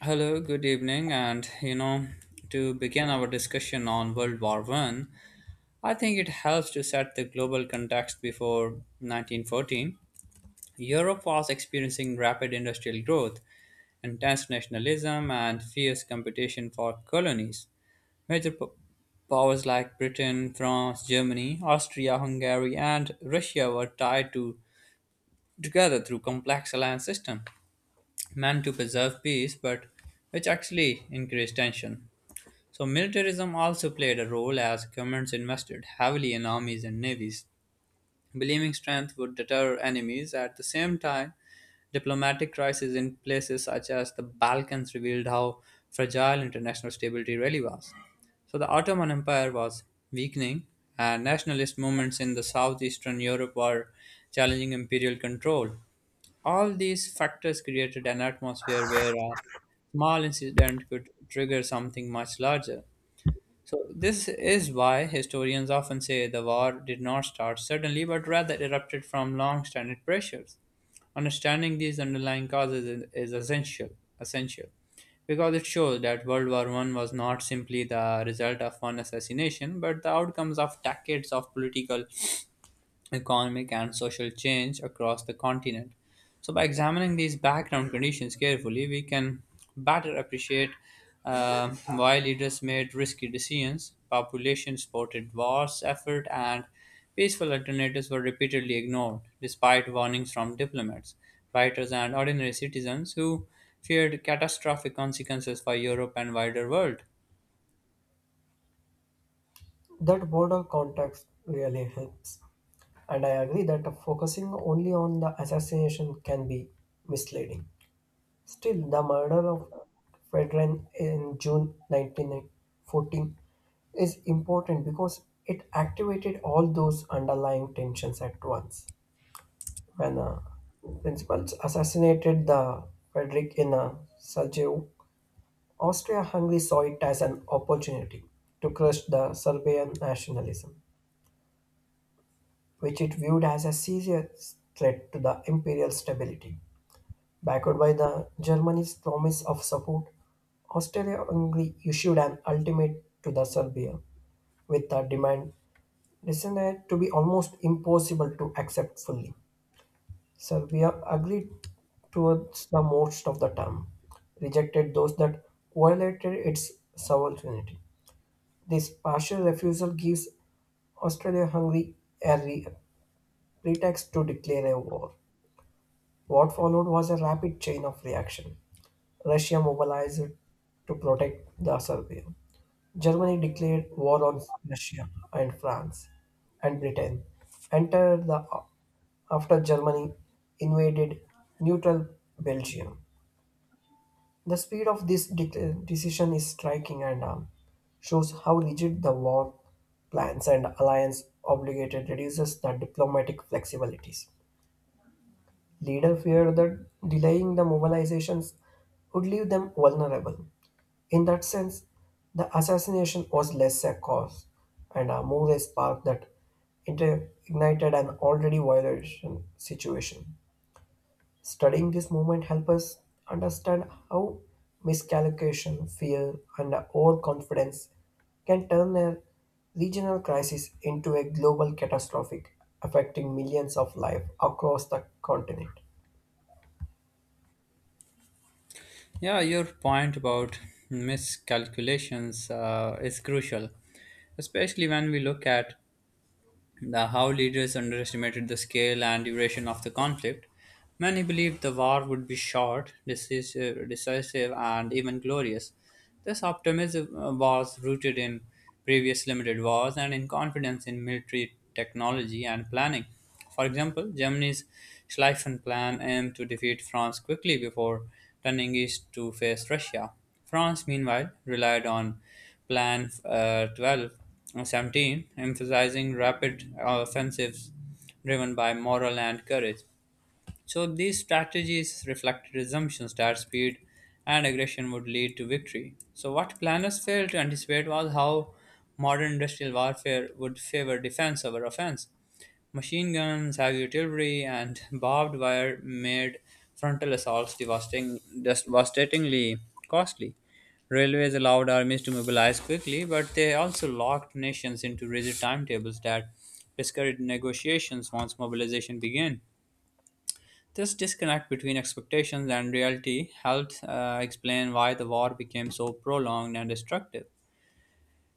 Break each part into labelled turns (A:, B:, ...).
A: Hello, good evening, and to begin our discussion on World War One, I think it helps to set the global context before 1914. Europe was experiencing rapid industrial growth, intense nationalism, and fierce competition for colonies. Major po- Powers like Britain, France, Germany, Austria, Hungary, and Russia were tied to together through complex alliance system meant to preserve peace, but which actually increased tension. So, militarism also played a role as governments invested heavily in armies and navies, believing strength would deter enemies. At the same time, diplomatic crises in places such as the Balkans revealed how fragile international stability really was. So, the Ottoman Empire was weakening, and nationalist movements in the southeastern Europe were challenging imperial control. All these factors created an atmosphere where a small incident could trigger something much larger. So, this is why historians often say the war did not start suddenly, but rather erupted from long standing pressures. Understanding these underlying causes is essential because it shows that World War One was not simply the result of one assassination, but the outcomes of decades of political economic, and social change across the continent. So, by examining these background conditions carefully, we can better appreciate why leaders made risky decisions, population supported wars effort, and peaceful alternatives were repeatedly ignored, despite warnings from diplomats, writers, and ordinary citizens who feared catastrophic consequences for Europe and wider world.
B: That broader context really helps. And I agree that focusing only on the assassination can be misleading. Still, the murder of Fredrin in June 1914 is important because it activated all those underlying tensions at once. When principals assassinated the Frederick in Sarajevo, Austria-Hungary saw it as an opportunity to crush the Serbian nationalism, which it viewed as a serious threat to the imperial stability. Backed by the Germany's promise of support, Austria-Hungary issued an ultimatum to the Serbia with a demand decided to be almost impossible to accept fully. Serbia agreed towards the most of the term, rejected those that violated its sovereignty. This partial refusal gives Austria-Hungary a pretext to declare a war. What followed was a rapid chain of reaction. Russia mobilized to protect the Serbia. Germany declared war on Russia and France, and Britain entered the after Germany invaded neutral Belgium. The speed of this decision is striking and shows how rigid the war plans and alliance obligated reduces the diplomatic flexibilities. Leaders feared that delaying the mobilizations would leave them vulnerable. In that sense, the assassination was less a cause and a more a spark that ignited an already violation situation. Studying this movement helps us understand how miscalculation, fear, and overconfidence can turn a regional crisis into a global catastrophic affecting millions of lives across the continent.
A: Yeah, your point about miscalculations is crucial, especially when we look at the How leaders underestimated the scale and duration of the conflict. Many believed the war would be short, decisive and even glorious. This optimism was rooted in previous limited wars and in confidence in military technology and planning. For example, Germany's Schlieffen plan aimed to defeat France quickly before turning east to face Russia. France, meanwhile, relied on Plan 12 17, emphasizing rapid offensives driven by morale and courage. So these strategies reflected assumptions that speed and aggression would lead to victory. So what planners failed to anticipate was how modern industrial warfare would favor defense over offense. Machine guns, heavy artillery, and barbed wire made frontal assaults devastatingly costly. Railways allowed armies to mobilize quickly, but they also locked nations into rigid timetables that discouraged negotiations once mobilization began. This disconnect between expectations and reality helps explain why the war became so prolonged and destructive.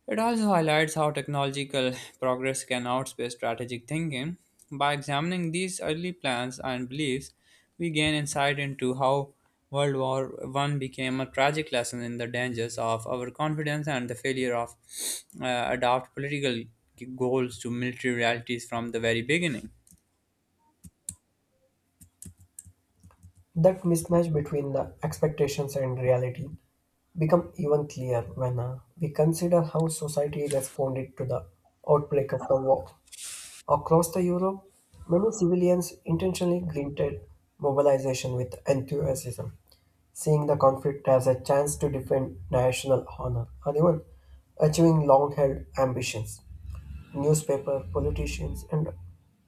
A: It also highlights how technological progress can outpace strategic thinking. By examining these early plans and beliefs, we gain insight into how World War One became a tragic lesson in the dangers of overconfidence and the failure of adopt political goals to military realities from the very beginning.
B: That mismatch between the expectations and reality become even clearer when we consider how society responded to the outbreak of the war. Across the Europe, many civilians intentionally greeted mobilization with enthusiasm, seeing the conflict as a chance to defend national honor or even achieving long-held ambitions. Newspaper, politicians, and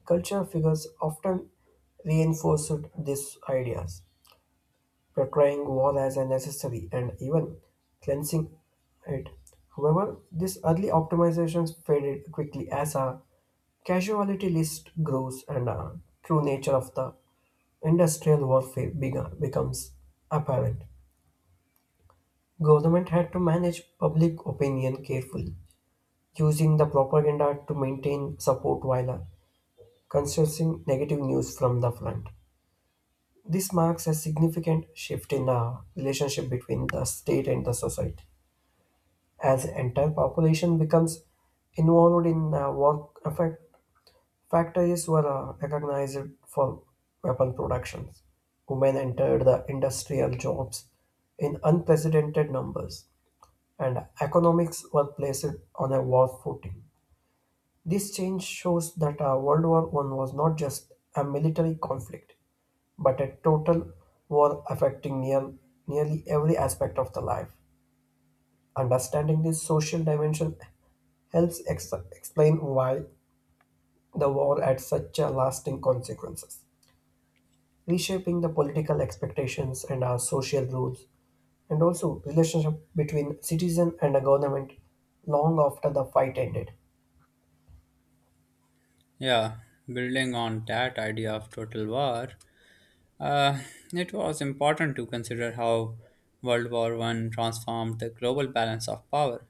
B: cultural figures often reinforced these ideas portraying war as a necessary and even cleansing it. However, these early optimizations faded quickly as a casualty list grows and a true nature of the industrial warfare began, becomes apparent. Government had to manage public opinion carefully, using the propaganda to maintain support while constructing negative news from the front. This marks a significant shift in the relationship between the state and the society. As the entire population becomes involved in war effect, factories were recognized for weapon productions. Women entered the industrial jobs in unprecedented numbers, and economics were placed on a war footing. This change shows that World War One was not just a military conflict, but a total war affecting nearly every aspect of the life. Understanding this social dimension helps explain why the war had such a lasting consequences, reshaping the political expectations and our social rules, and also relationship between citizen and a government long after the fight ended.
A: Yeah, building on that idea of total war, uh, it was important to consider how World War One transformed the global balance of power.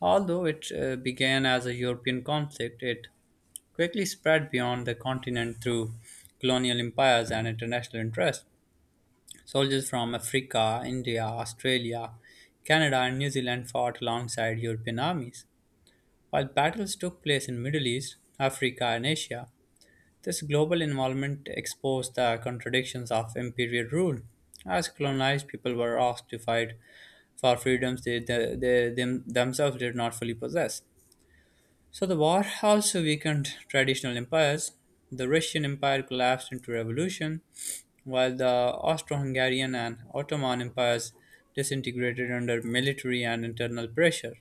A: Although it began as a European conflict, it quickly spread beyond the continent through colonial empires and international interests. Soldiers from Africa, India, Australia, Canada, and New Zealand fought alongside European armies. While battles took place in Middle East, Africa, and Asia, this global involvement exposed the contradictions of imperial rule, as colonized people were asked to fight for freedoms themselves did not fully possess. So the war also weakened traditional empires. The Russian Empire collapsed into revolution, while the Austro Hungarian and Ottoman empires disintegrated under military and internal pressure.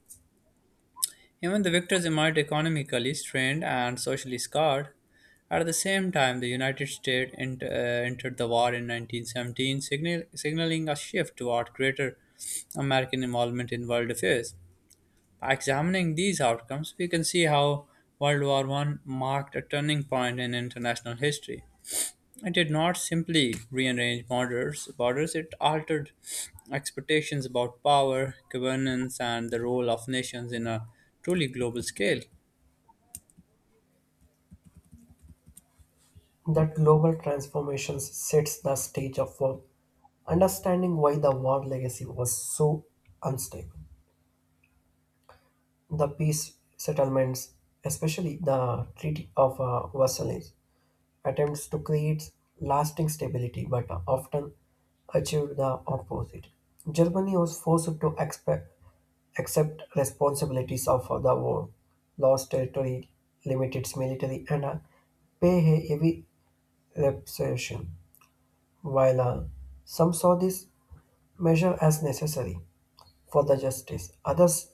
A: Even the victors emerged economically strained and socially scarred. At the same time, the United States entered the war in 1917, signaling a shift toward greater American involvement in world affairs. By examining these outcomes, we can see how World War One marked a turning point in international history. It did not simply rearrange borders, it altered expectations about power, governance, and the role of nations in a truly global scale.
B: That global transformations sets the stage of for understanding why the war legacy was so unstable. The peace settlements, especially the Treaty of Versailles, attempts to create lasting stability but often achieved the opposite. Germany was forced to accept responsibilities of the war, lost territory, limited its military, and pay a heavy reparation, while some saw this measure as necessary for the justice. Others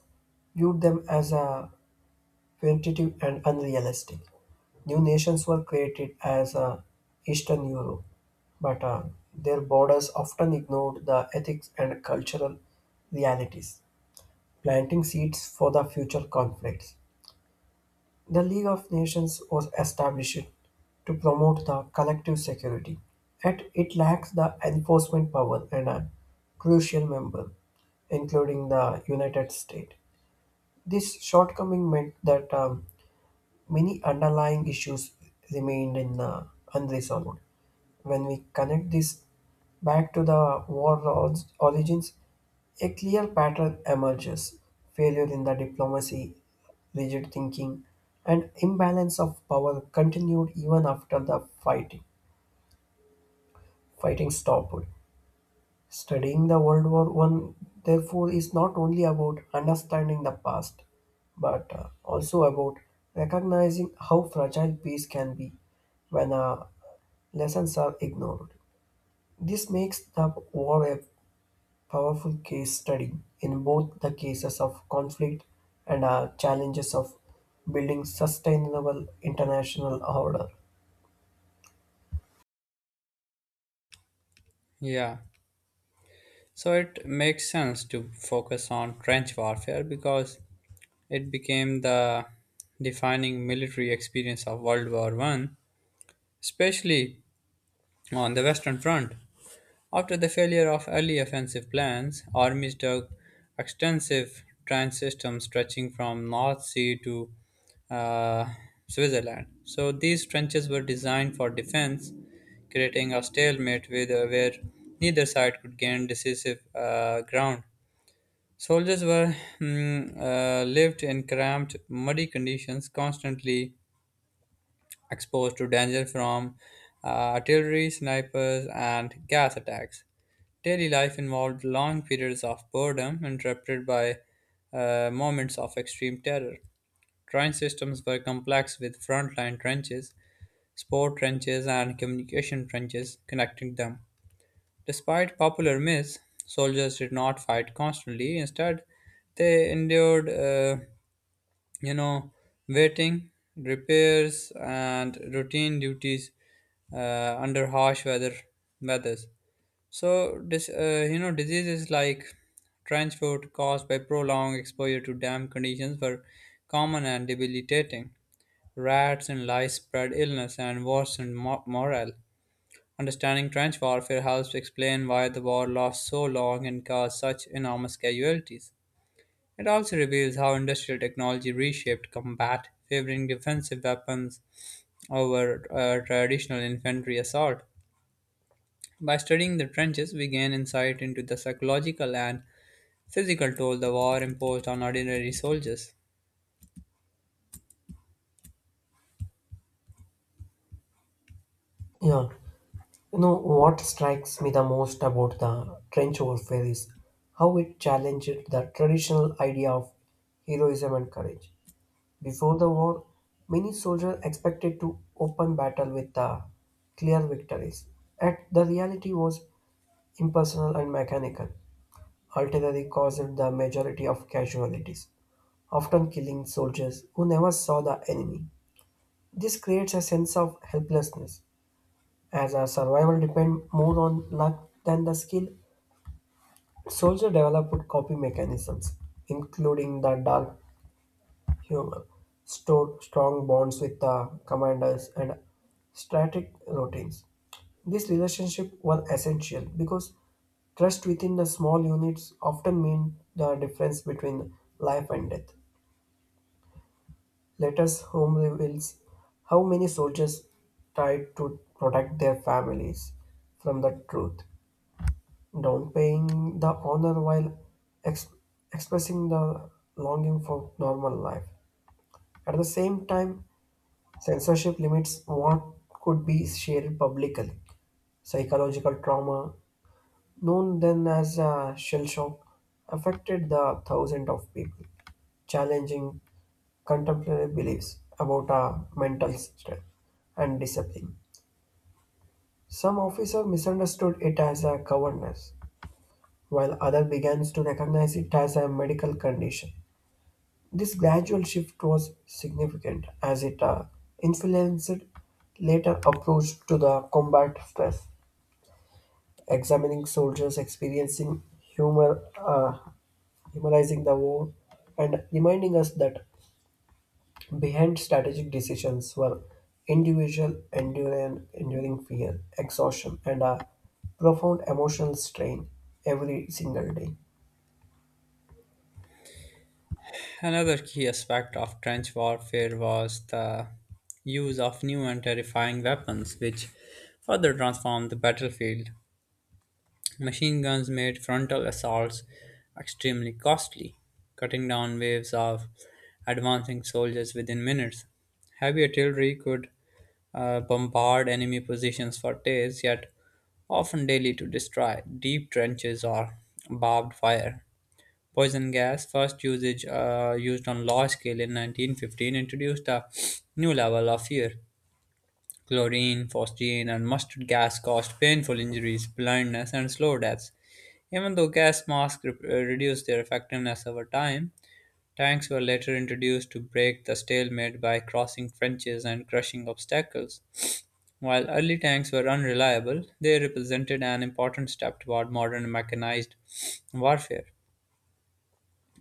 B: viewed them as a punitive and unrealistic. New nations were created as Eastern Europe, but their borders often ignored the ethics and cultural realities, planting seeds for the future conflicts. The League of Nations was established to promote the collective security, yet it lacks the enforcement power and a crucial member, including the United States. This shortcoming meant that many underlying issues remained unresolved. When we connect this back to the war origins, a clear pattern emerges failure in the diplomacy, rigid thinking, and imbalance of power continued even after the fighting. Fighting stopped. Studying the World War One, therefore, is not only about understanding the past, but also about recognizing how fragile peace can be when lessons are ignored. This makes the war a powerful case study in both the cases of conflict and challenges of building sustainable international order.
A: Yeah, so it makes sense to focus on trench warfare because it became the defining military experience of World War One, especially on the Western Front. After the failure of early offensive plans, armies took extensive trench systems stretching from North Sea to uh, Switzerland. So these trenches were designed for defense, creating a stalemate where neither side could gain decisive ground. Soldiers were lived in cramped, muddy conditions, constantly exposed to danger from uh, artillery, snipers, and gas attacks. Daily life involved long periods of boredom interrupted by moments of extreme terror. Train systems were complex with frontline trenches, sport trenches, and communication trenches connecting them. Despite popular myths, soldiers did not fight constantly. Instead, they endured you know, waiting, repairs, and routine duties under harsh weathers. So, diseases like trench foot caused by prolonged exposure to damp conditions were common and debilitating. Rats and lice spread illness and worsened morale. Understanding trench warfare helps to explain why the war lost so long and caused such enormous casualties. It also reveals how industrial technology reshaped combat, favoring defensive weapons over traditional infantry assault. By studying the trenches, we gain insight into the psychological and physical toll the war imposed on ordinary soldiers.
B: Yeah. You know, what strikes me the most about the trench warfare is how it challenged the traditional idea of heroism and courage. Before the war, many soldiers expected to open battle with clear victories. Yet the reality was impersonal and mechanical. Artillery caused the majority of casualties, often killing soldiers who never saw the enemy. This creates a sense of helplessness as our survival depend more on luck than the skill, soldier developed coping mechanisms, including the dark humor, stored strong bonds with the commanders, and strategic routines. These relationships were essential because trust within the small units often mean the difference between life and death. Letters home reveals how many soldiers tried to protect their families from the truth downplaying the honor while ex- expressing the longing for normal life. At the same time, censorship limits what could be shared publicly. Psychological trauma, known then as a shell shock, affected the thousands of people, challenging contemporary beliefs about our mental strength and discipline. Some officers misunderstood it as a cowardness, while others began to recognize it as a medical condition. This gradual shift was significant as it influenced later approach to the combat stress, examining soldiers experiencing humorizing the war, and reminding us that behind strategic decisions were individual enduring fear, exhaustion, and a profound emotional strain every single day.
A: Another key aspect of trench warfare was the use of new and terrifying weapons, which further transformed the battlefield. Machine guns made frontal assaults extremely costly, cutting down waves of advancing soldiers within minutes. Heavy artillery could bombard enemy positions for days, yet often daily to destroy deep trenches or barbed wire. Poison gas, first usage used on large scale in 1915, introduced a new level of fear. Chlorine, phosgene, and mustard gas caused painful injuries, blindness, and slow deaths. Even though gas masks reduced their effectiveness over time, tanks were later introduced to break the stalemate by crossing trenches and crushing obstacles. While early tanks were unreliable, they represented an important step toward modern mechanized warfare.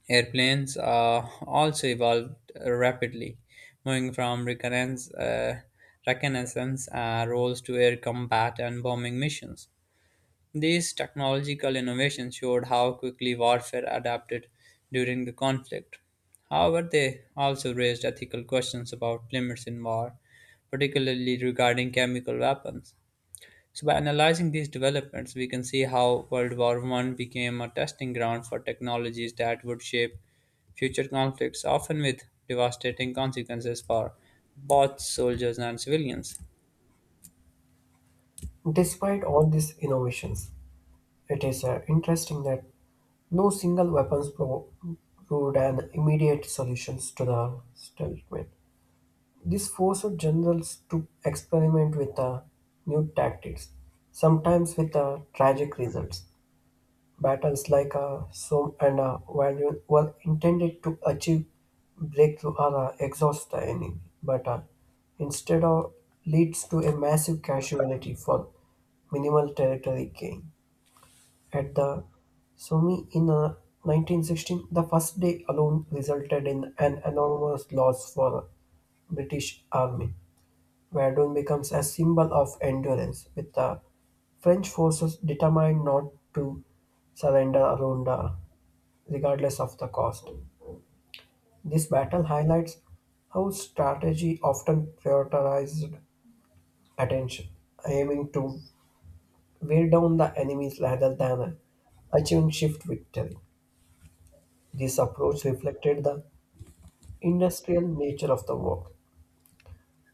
A: Airplanes also evolved rapidly, moving from reconnaissance roles to air combat and bombing missions. These technological innovations showed how quickly warfare adapted during the conflict. However, they also raised ethical questions about limits in war, particularly regarding chemical weapons. So by analyzing these developments, we can see how World War One became a testing ground for technologies that would shape future conflicts, often with devastating consequences for both soldiers and civilians.
B: Despite all these innovations, it is interesting that no single weapons proved an immediate solution to the stalemate. This forced generals to experiment with new tactics, sometimes with tragic results. Battles like Somme and Verdun were intended to achieve breakthrough or exhaust the enemy, but instead of leads to a massive casualty for minimal territory gain at the Somme in 1916, the first day alone resulted in an enormous loss for British army. Verdun becomes a symbol of endurance, with the French forces determined not to surrender around regardless of the cost. This battle highlights how strategy often prioritized attention, aiming to wear down the enemies rather than achieving shift victory. This approach reflected the industrial nature of the work,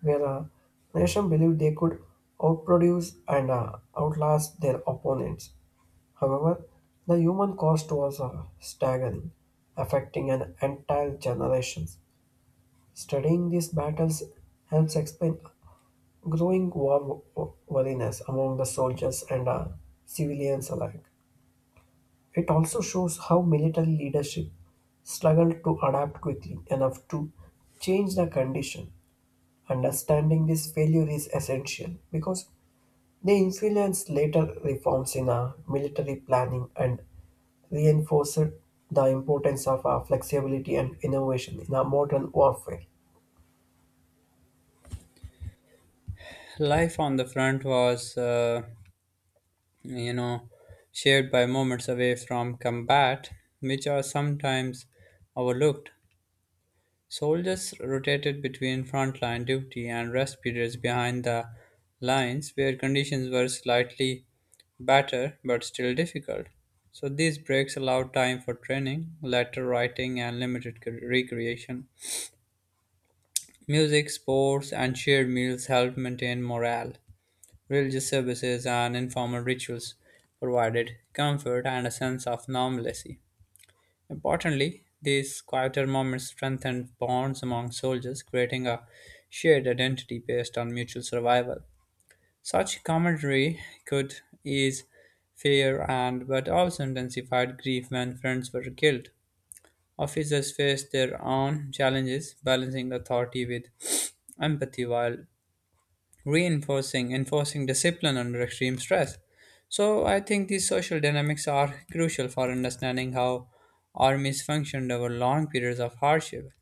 B: where a nation believed they could outproduce and outlast their opponents. However, the human cost was staggering, affecting an entire generation. Studying these battles helps explain growing war weariness among the soldiers and civilians alike. It also shows how military leadership struggled to adapt quickly enough to change the condition. Understanding this failure is essential because they influenced later reforms in our military planning and reinforced the importance of our flexibility and innovation in our modern warfare.
A: Life on the front was, you know, shared by moments away from combat, which are sometimes overlooked. Soldiers rotated between frontline duty and rest periods behind the lines where conditions were slightly better but still difficult. So these breaks allowed time for training, letter writing, and limited recreation. Music, sports, and shared meals helped maintain morale. Religious services and informal rituals provided comfort and a sense of normalcy. Importantly, these quieter moments strengthened bonds among soldiers, creating a shared identity based on mutual survival. Such camaraderie could ease fear and but also intensified grief when friends were killed. Officers faced their own challenges, balancing authority with empathy while enforcing discipline under extreme stress. So I think these social dynamics are crucial for understanding how armies functioned over long periods of hardship.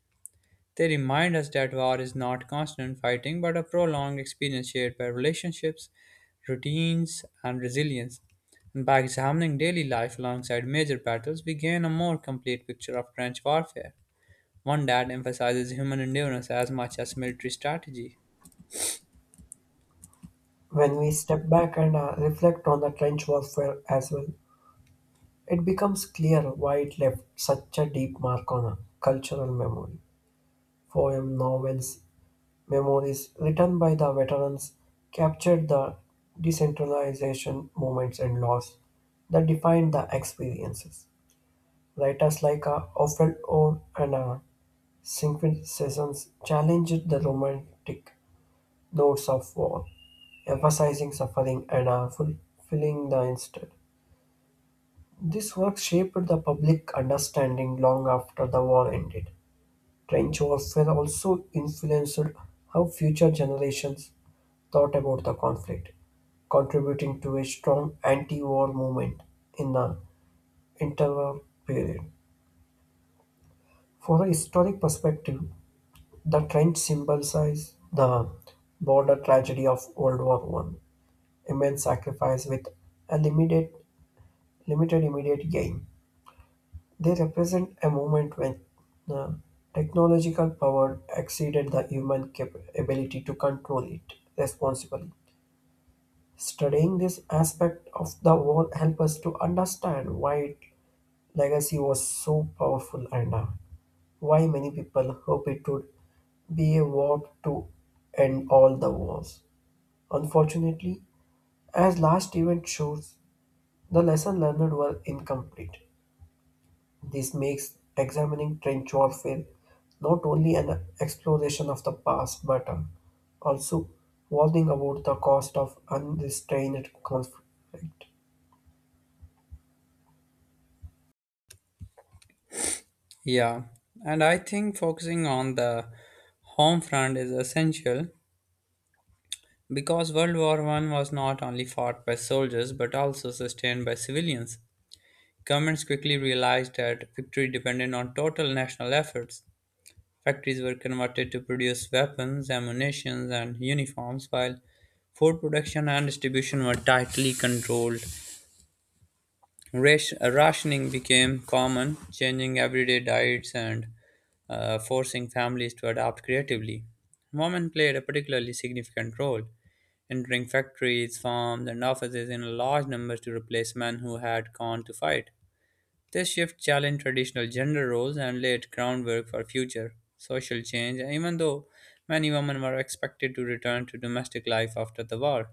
A: They remind us that war is not constant fighting but a prolonged experience shared by relationships, routines, and resilience. And by examining daily life alongside major battles, we gain a more complete picture of trench warfare, one that emphasizes human endurance as much as military strategy.
B: When we step back and reflect on the trench warfare as well, it becomes clear why it left such a deep mark on our cultural memory. Poem, novels, memories written by the veterans captured the decentralization movements and laws that defined the experiences. Writers like Ophel Owen and Siegfried Sessions challenged the romantic notes of war, emphasizing suffering and fulfilling the instant. This work shaped the public understanding long after the war ended. Trench warfare also influenced how future generations thought about the conflict, contributing to a strong anti war movement in the interwar period. For a historic perspective, the trench symbolizes the border tragedy of World War One: immense sacrifice with a limited immediate gain. They represent a moment when the technological power exceeded the human ability to control it responsibly. Studying this aspect of the war helps us to understand why its legacy was so powerful and why many people hope it would be a war to end all the wars. Unfortunately, as last event shows, the lesson learned were incomplete. This makes examining trench warfare not only an exploration of the past but also warning about the cost of unrestrained conflict.
A: Yeah, and I think focusing on the home front is essential because World War One was not only fought by soldiers but also sustained by civilians. Governments quickly realized that victory depended on total national efforts. Factories were converted to produce weapons, ammunition, and uniforms, while food production and distribution were tightly controlled. Rationing became common, changing everyday diets and forcing families to adapt creatively. Women played a particularly significant role, entering factories, farms, and offices in large numbers to replace men who had gone to fight. This shift challenged traditional gender roles and laid groundwork for future social change, even though many women were expected to return to domestic life after the war.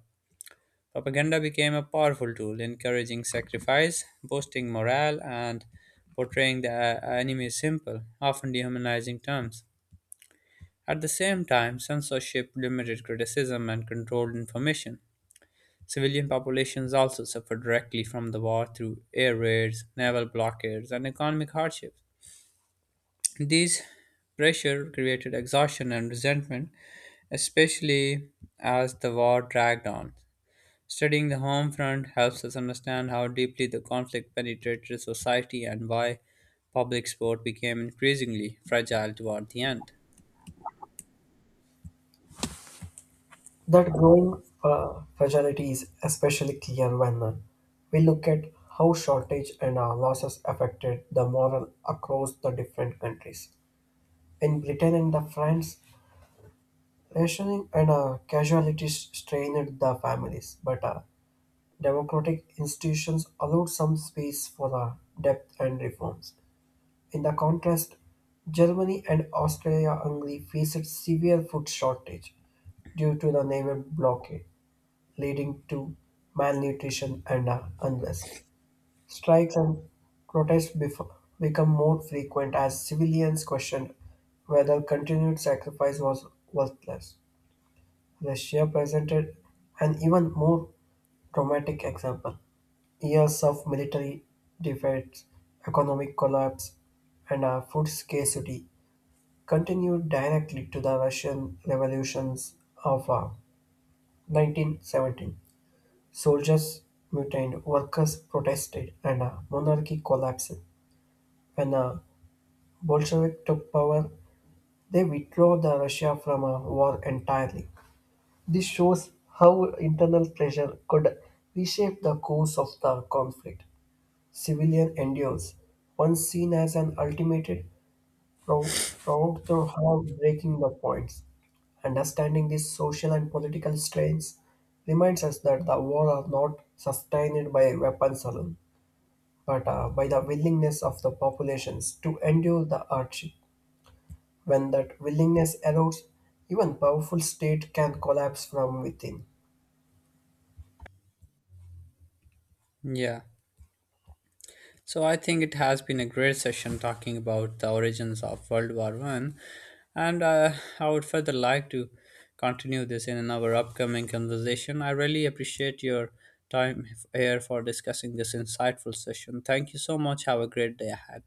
A: Propaganda became a powerful tool, encouraging sacrifice, boosting morale, and portraying the enemy as simple, often dehumanizing terms. At the same time, censorship limited criticism and controlled information. Civilian populations also suffered directly from the war through air raids, naval blockades, and economic hardships. These pressure created exhaustion and resentment, especially as the war dragged on. Studying the home front helps us understand how deeply the conflict penetrated society and why public support became increasingly fragile toward the end.
B: That growing fragility is especially clear when we look at how shortage and losses affected the moral across the different countries. In Britain and the France, rationing and casualties strained the families, but democratic institutions allowed some space for depth and reforms. In the contrast, Germany and Austria-Hungary faced severe food shortage due to the naval blockade leading to malnutrition and unrest. Strikes and protests become more frequent as civilians question whether continued sacrifice was worthless. Russia presented an even more dramatic example. Years of military defeats, economic collapse, and food scarcity continued directly to the Russian revolutions of 1917. Soldiers mutinied, workers protested, and a monarchy collapsed. When the Bolshevik took power, they withdrew the Russia from a war entirely. This shows how internal pressure could reshape the course of the conflict. Civilian endures, once seen as an ultimate, proved to have breaking the points. Understanding these social and political strains reminds us that the war are not sustained by weapons alone but by the willingness of the populations to endure the hardship. When that willingness erodes, even powerful state can collapse from within.
A: Yeah. So I think it has been a great session talking about the origins of World War One, and I would further like to continue this in our upcoming conversation. I really appreciate your time here for discussing this insightful session. Thank you so much. Have a great day ahead.